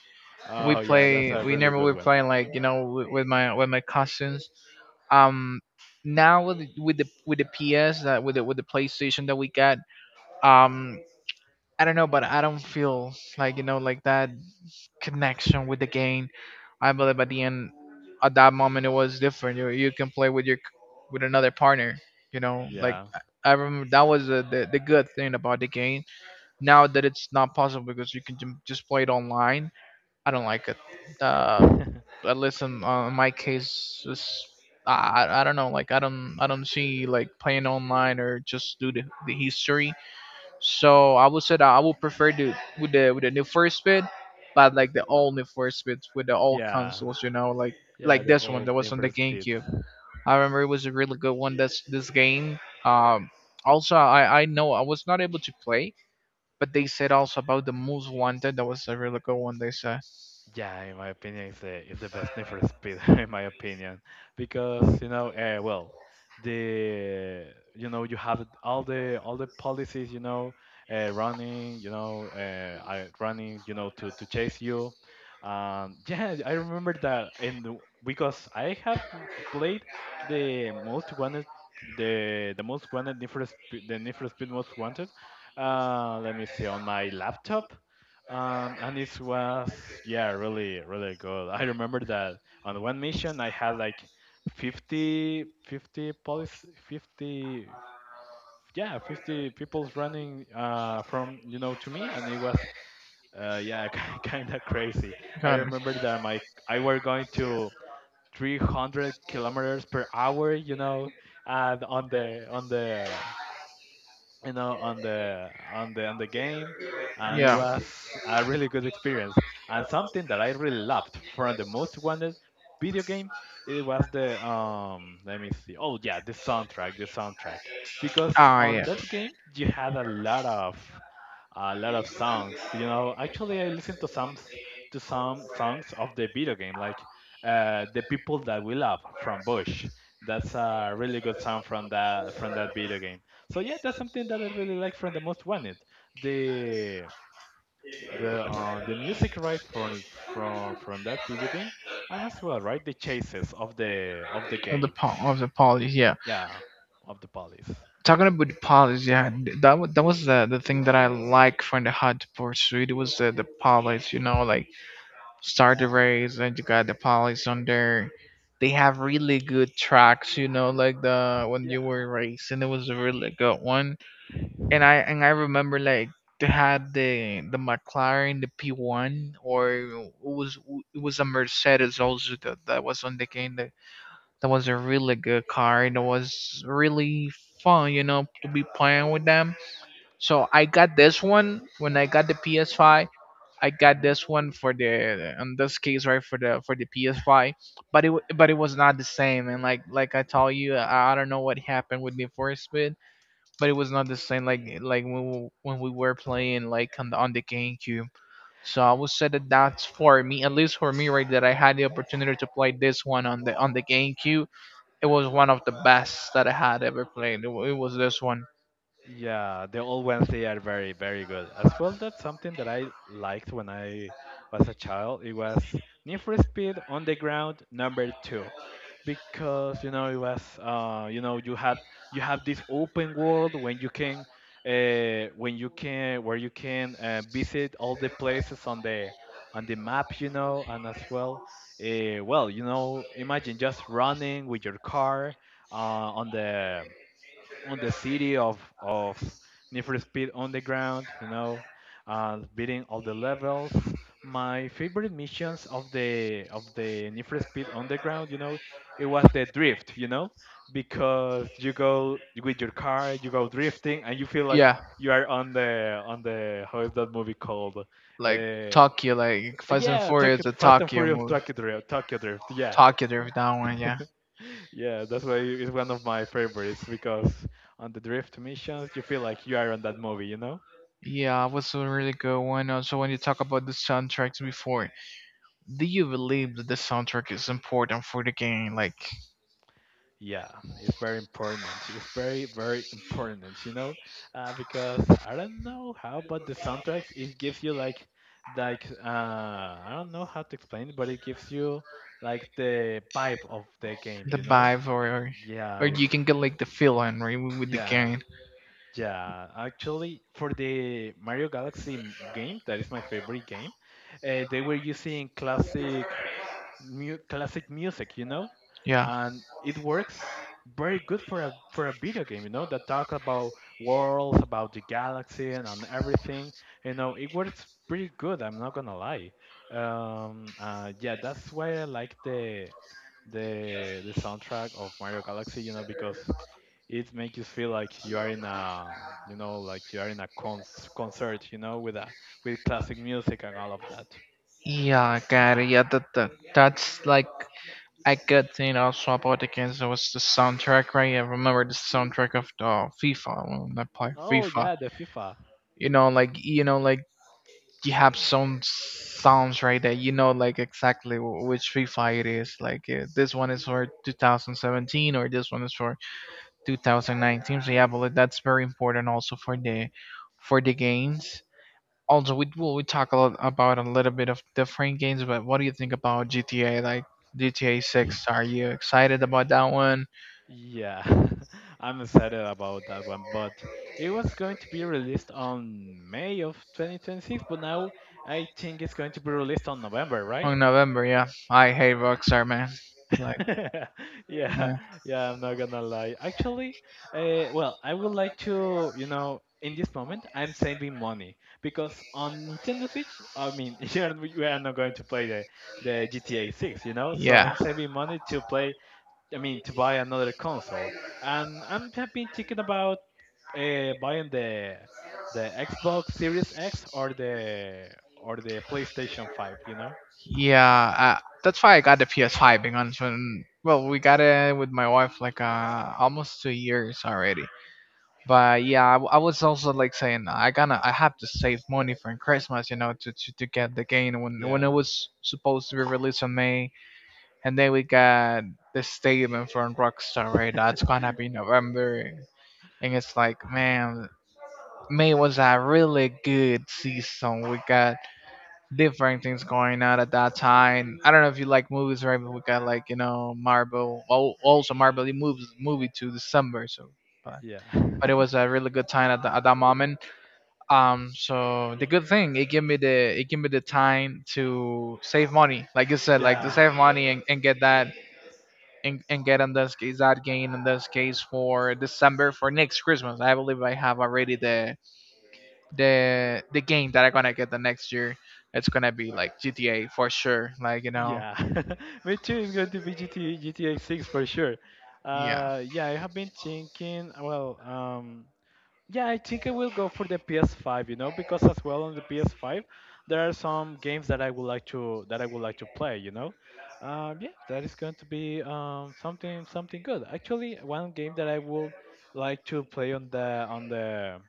We Oh yeah, that's play. a We really never good were one. playing, like, you know, with, with my with my cousins. um Now with the- with the with the P S, that with the with the PlayStation that we got, um I don't know, but I don't feel like, you know, like that connection with the game. I believe at the end at that moment it was different. You you can play with your c- with another partner, you know, like Yeah, I I remember that was the, the the good thing about the game. Now that it's not possible, because you can ju- just play it online. I don't like it, uh, at least in, uh, in my case, is I I I don't know. Like I don't I don't see like playing online or just do the, the history. So I would say that I would prefer the with the with the new first bit, but like the old new first bit with the old yeah, consoles. You know, like yeah, like the this one old that was Need on for the Speeds. GameCube. I remember it was a really good one. That's this game. Um, also I I know I was not able to play, but they said also about the Most Wanted. That was a really good one. They said. Yeah, in my opinion, it's the it's the best Need for Speed, in my opinion, because you know, uh, well, the you know you have all the all the policies, you know, uh, running, you know, uh, I- running, you know, to to chase you. Um, yeah, I remember that, and because I have played The Most Wanted, the the most wanted Need for Speed, the Need for Speed Most Wanted. Uh, let me see on my laptop, um, and it was, yeah, really, really good. I remember that on one mission I had like fifty fifty police, fifty, yeah, fifty people's running uh, from you know to me, and it was uh, yeah, kind of crazy. I Got it. remember that my I were going to three hundred kilometers per hour, you know, and on the on the you know on the on the on the game, and it Yeah. was a really good experience. And something that I really loved from The Most Wanted video game, it was the, um let me see, oh yeah, the soundtrack. The soundtrack because Ah, on Yeah. that game you had a lot of a lot of songs, you know. Actually, I listened to some s- to some songs of the video game, like uh, The People That We Love from Bush. That's a really good song from that from that video game. So yeah, that's something that I really like from The Most Wanted. The the uh, the music right from from from that video game, and as well right the chases of the of the Of the game. po- of the polish, yeah. Yeah, of the police. Talking about the polish, yeah, th- that wa- that was the the thing that I like from the Hot Pursuit. It was the the polish, you know, like start the Yeah, race and you got the polish on there. They have really good tracks, you know, like the when you yeah. were racing, it was a really good one. And I and I remember like they had the the McLaren, the P one, or it was it was a Mercedes also that, that was on the game. That was a really good card. It was really fun, you know, to be playing with them. So I got this one when I got the P S five. I got this one for the in this case, right, for the for the P S five, but it wa- but it was not the same. And like like I told you, I, I don't know what happened with the first bit, but it was not the same. Like like when we, when we were playing like on the on the GameCube. So I would say that that's for me, at least for me, right? That I had the opportunity to play this one on the on the GameCube. It was one of the best that I had ever played. It wa- it was this one. Yeah, the old ones, they are very, very good. As well, that's something that I liked when I was a child. It was Need for Speed on the ground number two, because you know, it was uh, you know, you had you have this open world when you can uh, when you can where you can uh, visit all the places on the on the map, you know, and as well, uh, well, you know, imagine just running with your car uh, on the on the city of of Need for Speed Underground, you know, uh, beating all the levels. My favorite missions of the of the Need for Speed Underground, you know, it was the drift, you know, because you go with your car, you go drifting, and you feel like Yeah, you are on the on the how is that movie called? like Uh, Tokyo, like Fast and yeah, Furious, Tokyo the Fast and Tokyo Furious movie. Tokyo Drift, Tokyo Drift. Yeah, Tokyo Drift, that one, yeah. yeah, that's why it's one of my favorites, because on the drift missions, you feel like you are on that movie, you know? Yeah, it was a really good one. Also, when you talk about the soundtracks before, do you believe that the soundtrack is important for the game, like Yeah, it's very important. It's very, very important, you know? Uh, because I don't know how, but the soundtracks, it gives you like, like, uh, I don't know how to explain it, but it gives you like the vibe of the game, the you know? vibe, or or, Yeah, or it- you can get like the feeling right with with the yeah, game? Yeah, actually, for the Mario Galaxy m- game, that is my favorite game. Uh, they were using classic, mu classic music, you know, Yeah. and it works very good for a for a video game, you know, that talk about worlds, about the galaxy, and, and everything. You know, it works pretty good. I'm not gonna lie. Um, uh, yeah, that's why I like the the the soundtrack of Mario Galaxy, you know, because it makes you feel like you are in a, you know, like you are in a cons- concert, you know, with a with classic music and all of that. Yeah, Gary, yeah, that, that, that's like a good thing also about the games. It was the soundtrack, right? I remember the soundtrack of the FIFA when I play Oh FIFA. yeah, the FIFA, You know, like, you know, like you have some sounds right that you know like exactly wh- which FIFA it is. Like, uh, this one is for two thousand seventeen or this one is for two thousand nineteen. So yeah, but like, that's very important also for the for the games. Also, we well, we talk a lot about a little bit of different games, but what do you think about G T A? Like G T A six, are you excited about that one? yeah. I'm excited about that one, but it was going to be released on May of twenty twenty-six, but now I think it's going to be released on November, right? On November, yeah. I hate Rockstar, man. Like, Yeah, yeah. yeah, I'm not gonna lie. Actually, uh, well, I would like to, you know, in this moment, I'm saving money because on Nintendo Switch, I mean, you are, we are not going to play the, the G T A six, you know, so I'm Yeah, saving money to play, I mean, to buy another console. And I'm, have been thinking about uh, buying the the Xbox Series X or the or the PlayStation five, you know? yeah uh, that's why I got the P S five, being honest. And, well, we got it with my wife like uh, almost two years already. But yeah, I, w- I was also like saying I gonna I have to save money for Christmas, you know, to, to, to get the game when when Yeah, it was supposed to be released in May, and then we got the statement from Rockstar, right? That's gonna be November, and it's like, man, May was a really good season. We got different things going on at that time. I don't know if you like movies, right? But we got like, you know Marvel, al- also Marvel moves movie to December, so but yeah. but it was a really good time at, the, at that moment. Um, so the good thing, it give me the it give me the time to save money, like you said, like to Yeah, save money and, and get that and, and get in this case that gain in this case for December for next Christmas. I believe I have already the the the game that I'm gonna get the next year. It's gonna be like G T A for sure. Like you know, Yeah, me too. It's going to be GT, G T A six for sure. yeah. Uh, yeah, I have been thinking. Well, um, yeah, I think I will go for the P S five, you know, because as well on the P S five, there are some games that I would like to that I would like to play, you know. Um, yeah, that is going to be um, something something good. Actually, one game that I would like to play on the on the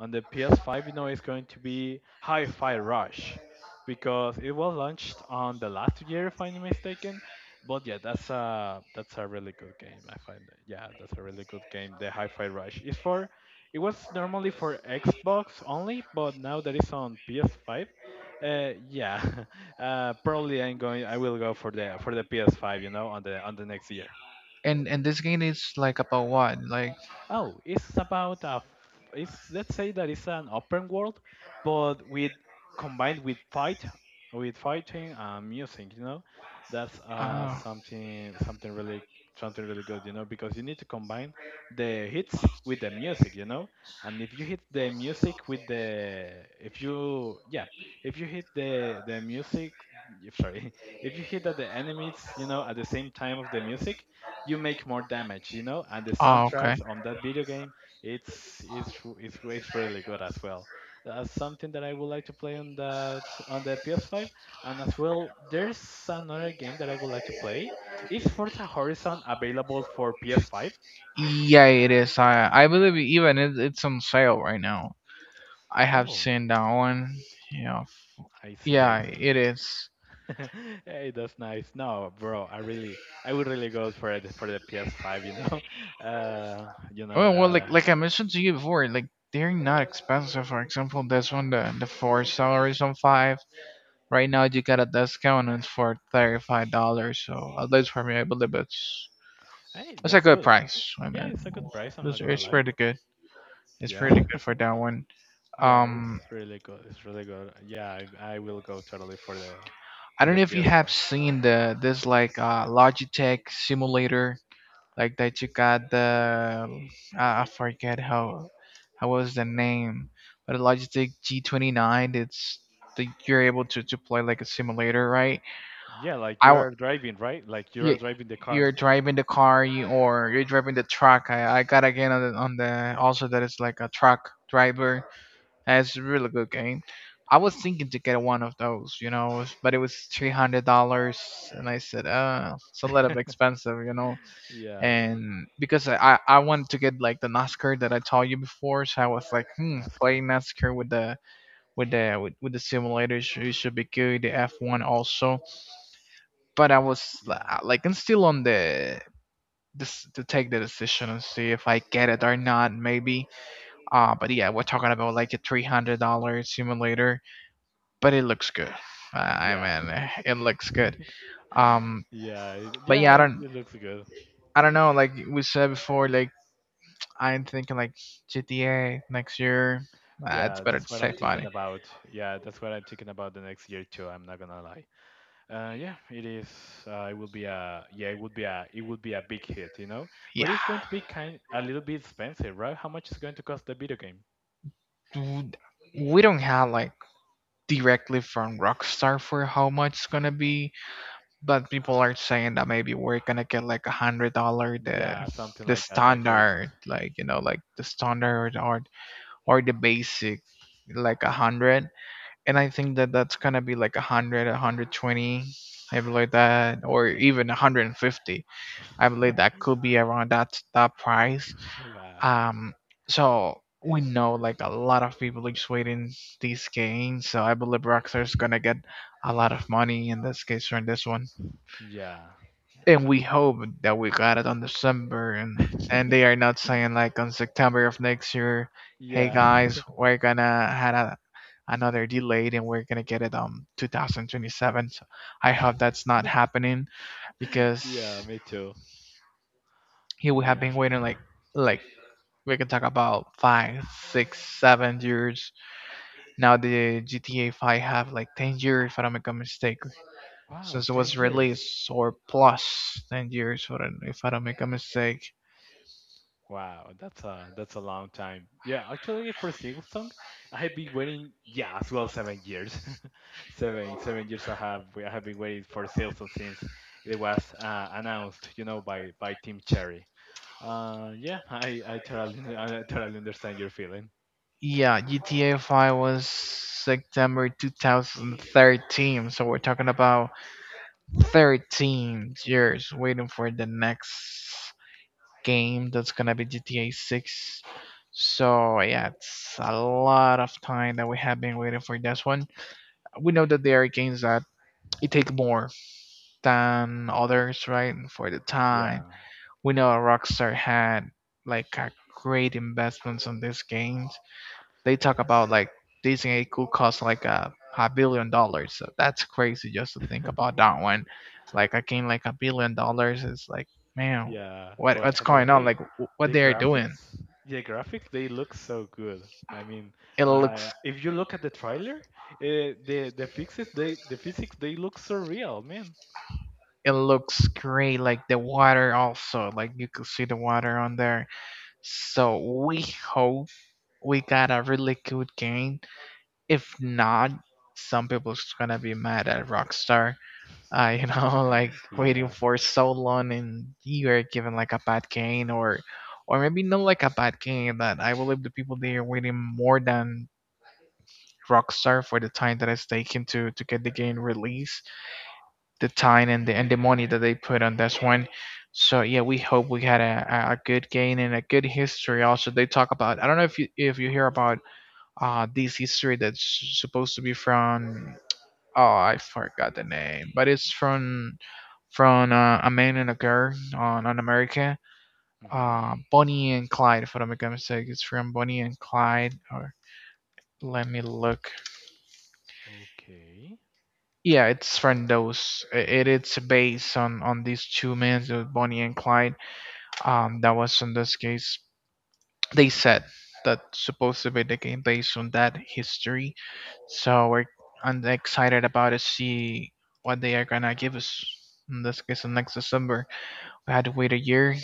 on the P S five, you know, is going to be Hi-Fi Rush because it was launched on the last year, if I'm not mistaken. But yeah, that's a that's a really good game. I find that. Yeah, that's a really good game. The Hi-Fi Rush is for it was normally for Xbox only, but now that it's on P S five, uh, yeah, uh, probably I'm going. I will go for the for the P S five, you know, on the on the next year. And and this game is like about what? Like, Oh, it's about a. f- it's, let's say that it's an open world, but with combined with fight, with fighting and music. You know, that's uh oh. something something really something really good. You know, because you need to combine the hits with the music. You know, and if you hit the music with the if you yeah, if you hit the the music if sorry, if you hit at the enemies, you know, at the same time of the music, you make more damage, you know. And the Ah, okay. soundtracks on that video game, it's it's r- it's, r- it's really good as well. That's something that I would like to play on that on the P S five, and as well, there's another game that I would like to play. Is Forza Horizon available for P S five? Yeah, it is. I I believe even it, it's on sale right now. I have Oh, seen that one. Yeah, I see, I yeah, see. it is. Hey, that's nice. No, bro, I really, I would really go for it for the P S five, you know. Uh, you know, Well, well, uh, like like I mentioned to you before, like they're not expensive. For example, this one, the the four salaries on five. Right now, you got a discount and it's for thirty five dollars. So at least for me, I believe it's hey, it's a that's good good. price. I Yeah, mean, it's a good price, I'm not it's, gonna it's lie. pretty good. It's pretty Yeah. good for that one. Yeah, Um, it's really good. It's really good. Yeah, I, I will go totally for the I for don't the know if you have P S five. seen the this like uh Logitech simulator like that you got the I I forget how how was the name, but a Logitech G twenty nine. It's the, you're able to to play like a simulator, right? Yeah, like I you w- are driving, right? Like you are you, driving the you're car. driving the car, you, or you're driving the truck. I, I got again on the, on the also that it's like a truck driver. That's a really good game. I was thinking to get one of those, you know, but it was three hundred dollars, and I said, uh, it's a little bit expensive, you know, Yeah, and because I I wanted to get like the NASCAR that I told you before, so I was like, hmm, play NASCAR. NASCAR with the with the with, with the simulators, it should be good. The F one also, but I was li- Yeah, like, I'm still on the this to take the decision and see if I get it or not, maybe. Uh but yeah, we're talking about like a three hundred dollar simulator, but it looks good. Uh, I yeah, mean, it looks good. Um, yeah, it- but yeah, yeah. I It don't It looks good. I don't know. Like we said before, like I'm thinking like G T A next year. Uh, it's Yeah, better to that's what I'm save thinking money. about. Yeah, that's what I'm thinking about the next year too. I'm not gonna lie. Uh, yeah, it is. Uh, it will be a yeah. It would be a it would be a big hit, you know. Yeah, But it's going to be kind a little bit expensive, right? How much is going to cost the video game? w- we don't have like directly from Rockstar for how much it's gonna be, but people are saying that maybe we're gonna get like a hundred dollar, the Yeah, something the like that. I hear that. standard, like, you know, like the standard or or the basic, like a hundred. And I think that that's gonna be like a hundred, a hundred twenty, maybe like that, or even a hundred and fifty. I believe that could be around that that price. Wow. Um, so we know like a lot of people is waiting this game. So I believe Rockstar's gonna get a lot of money in this case from this one. Yeah. And we hope that we got it on December, and and they are not saying, like, on September of next year, hey Yeah. guys, we're gonna had a another delayed and we're gonna get it um two thousand twenty seven. So I hope that's not happening because Yeah, me too. he would have Yeah. been waiting like, like we can talk about five, six, seven years. Now the G T A five have like ten years, if I don't make a mistake, Wow, since it ten was years. released, or plus ten years, for an- if I don't make a mistake. Wow, that's a that's a long time. Yeah, actually for a single song, I have been waiting, yeah, as well seven years. seven 7 years I have I have been waiting for sales song since it was uh, announced, you know, by by Team Cherry. Uh yeah, I I totally I totally understand your feeling. Yeah, G T A five was September twenty thirteen, so we're talking about thirteen years waiting for the next game that's gonna be G T A six. So yeah, it's a lot of time that we have been waiting for this one. We know that there are games that it take more than others, right? For the Yeah. time, we know Rockstar had like a great investments on these games. They talk about like this game could cost like a a billion dollars. So that's crazy just to think about that one. Like a game like a billion dollars is like, man, Yeah, what but what's but going on? hey, Like, wh- what the they are doing? graphics, the graphics they look so good. I mean, It uh, looks if you look at the trailer, uh, the the physics they the physics they look so real, man. it looks great. Like the water also, like you could see the water on there. So we hope we got a really good game. If not, some people's gonna be mad at Rockstar. Uh, you know, like waiting Yeah. for so long and you're given like a bad game, or or maybe not like a bad game, but I believe the people they are waiting more than Rockstar for the time that it's taken to to get the game released, the time and the and the money that they put on this one. So yeah, we hope we had a, a a good gain and a good history. Also, they talk about, I don't know if you if you hear about uh this history that's supposed to be from, oh I forgot the name, but it's from from uh, a man and a girl on on America. Hmm, Uh, Bonnie and Clyde, if I don't make a mistake, it's from Bonnie and Clyde. Or let me look. okay. Yeah, it's from those. It, it's based on on these two men, so Bonnie and Clyde. Um, that was, in this case, they said that supposed to be the game based on that history. So we're I'm excited about to see what they are gonna give us. In this case, in next December, we had to wait a year.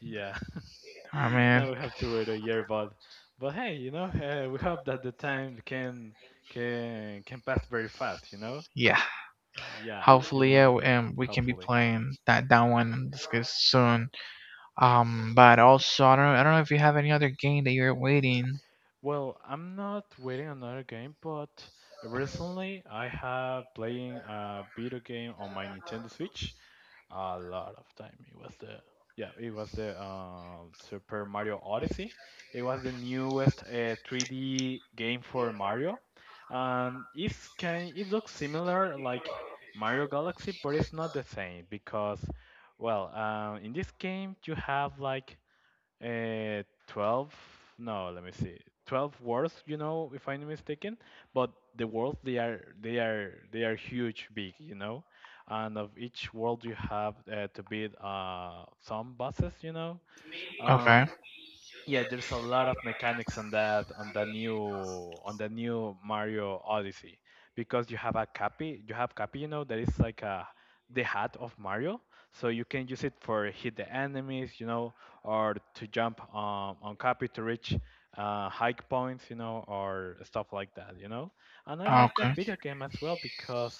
Yeah. I Now mean, we have to wait a year, but but hey, you know, uh, we hope that the time can can can pass very fast, you know. yeah. Yeah, you Hopefully, yeah, know, w- um, we can be hopefully. playing that that one in this case soon. Um, but also, I don't I don't know if you have any other game that you're waiting. Well, I'm not waiting another game, but recently I have playing a video game on my Nintendo Switch a lot of time. It was the yeah, it was the uh, Super Mario Odyssey. It was the newest uh, three D game for Mario, and it's kind it looks similar like Mario Galaxy, but it's not the same because, well, uh, in this game you have like uh, twelve, no, let me see. twelve worlds, you know, if I'm not mistaken, but the worlds they are they are they are huge, big, you know. And of each world you have uh, to beat uh some bosses, you know. Okay, Um, yeah, there's a lot of mechanics on that on the new on the new Mario Odyssey because you have a capi, you have capi, you know, that is like a the hat of Mario, so you can use it for hit the enemies, you know, or to jump um, on capi to reach uh, high points, you know, or stuff like that, you know. And I like that okay. video game as well because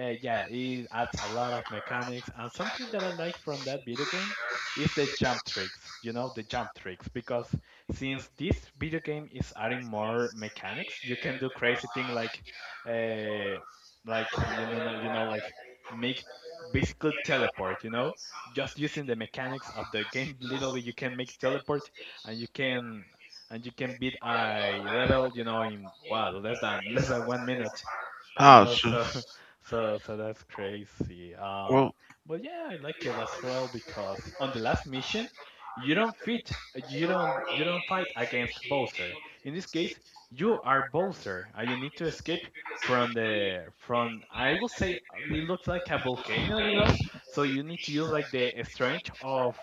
uh, yeah, it adds a lot of mechanics and something that I like from that video game is the jump tricks, you know, the jump tricks. Because since this video game is adding more mechanics, you can do crazy thing like, uh, like you know, no- you know, like make basically teleport. You know, just using the mechanics of the game, literally you can make teleport, and you can and you can beat a level, you know, in wow, less than less than one minute, you Ah, know, So, so so so that's crazy. um well, But yeah, I like it as well because on the last mission you don't fit you don't you don't fight against Bowser. In this case you are Bowser and you need to escape from the from I will say, uh, it looks like a volcano, you know, so you need to use like the strength of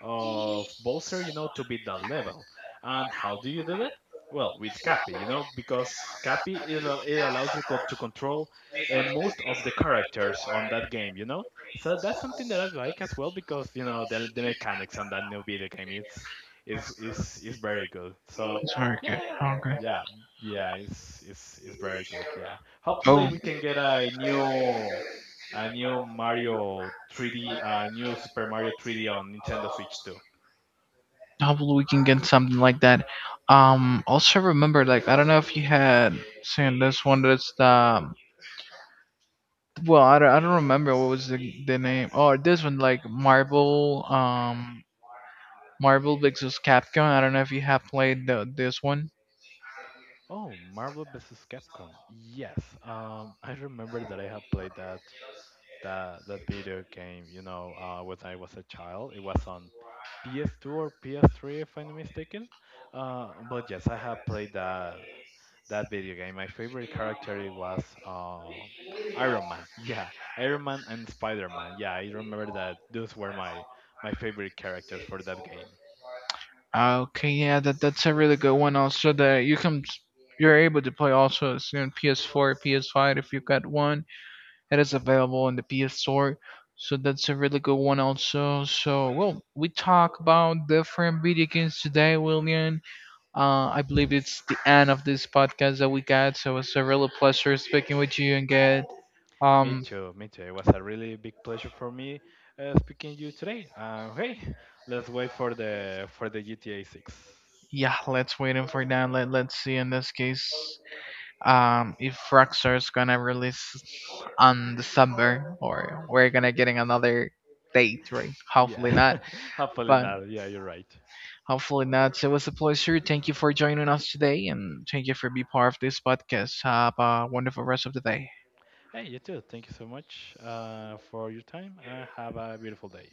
of Bowser, you know, to beat that level. And how do you do that? Well, with Cappy, you know, because Cappy it, al- it allows you co- to control uh, most of the characters on that game, you know. So that's something that I like as well because you know the, the mechanics on that new video game it's is is is very good. So it's very good. yeah, Okay. yeah, yeah, it's it's it's very good. Yeah, hopefully Oh, we can get a new a new Mario three D, a new Super Mario three D on Nintendo Switch too. Hopefully we can get something like that. Um, also remember, like I don't know if you had seen this one. That's the Well, I don't, I don't remember what was the, the name. Oh, this one, like Marvel, um, Marvel versus. Capcom. I don't know if you have played the, this one. Oh, Marvel versus. Capcom. Yes, um, I remember that I have played that that that video game. You know, uh, when I was a child, it was on P S two or P S three, if I'm not mistaken. Uh, but yes, I have played that that video game. My favorite character it was uh, Iron Man. Yeah, Iron Man and Spider Man. Yeah, I remember that those were my my favorite characters for that game. Okay, yeah, that that's a really good one. Also, that you can you're able to play, also it's on P S four, P S five if you got one. It is available in the P S Store. So that's a really good one also. So, well, we talk about different video games today, William. Uh, I believe it's the end of this podcast that we got. So it's a real pleasure speaking with you and get. Me Um, too, me too. It was a really big pleasure for me uh, speaking to you today. Uh, hey, let's wait for the for the G T A six. yeah, let's wait in for that. Let Let's see in this case, um, if Rockstar is gonna release on December or we're gonna getting another date, right? Yeah, Hopefully not, hopefully but not. Yeah, you're right. hopefully not. So it was a pleasure. Thank you for joining us today, and thank you for being part of this podcast. Have a wonderful rest of the day. Hey, you too. Thank you so much uh, for your time. Uh, have a beautiful day.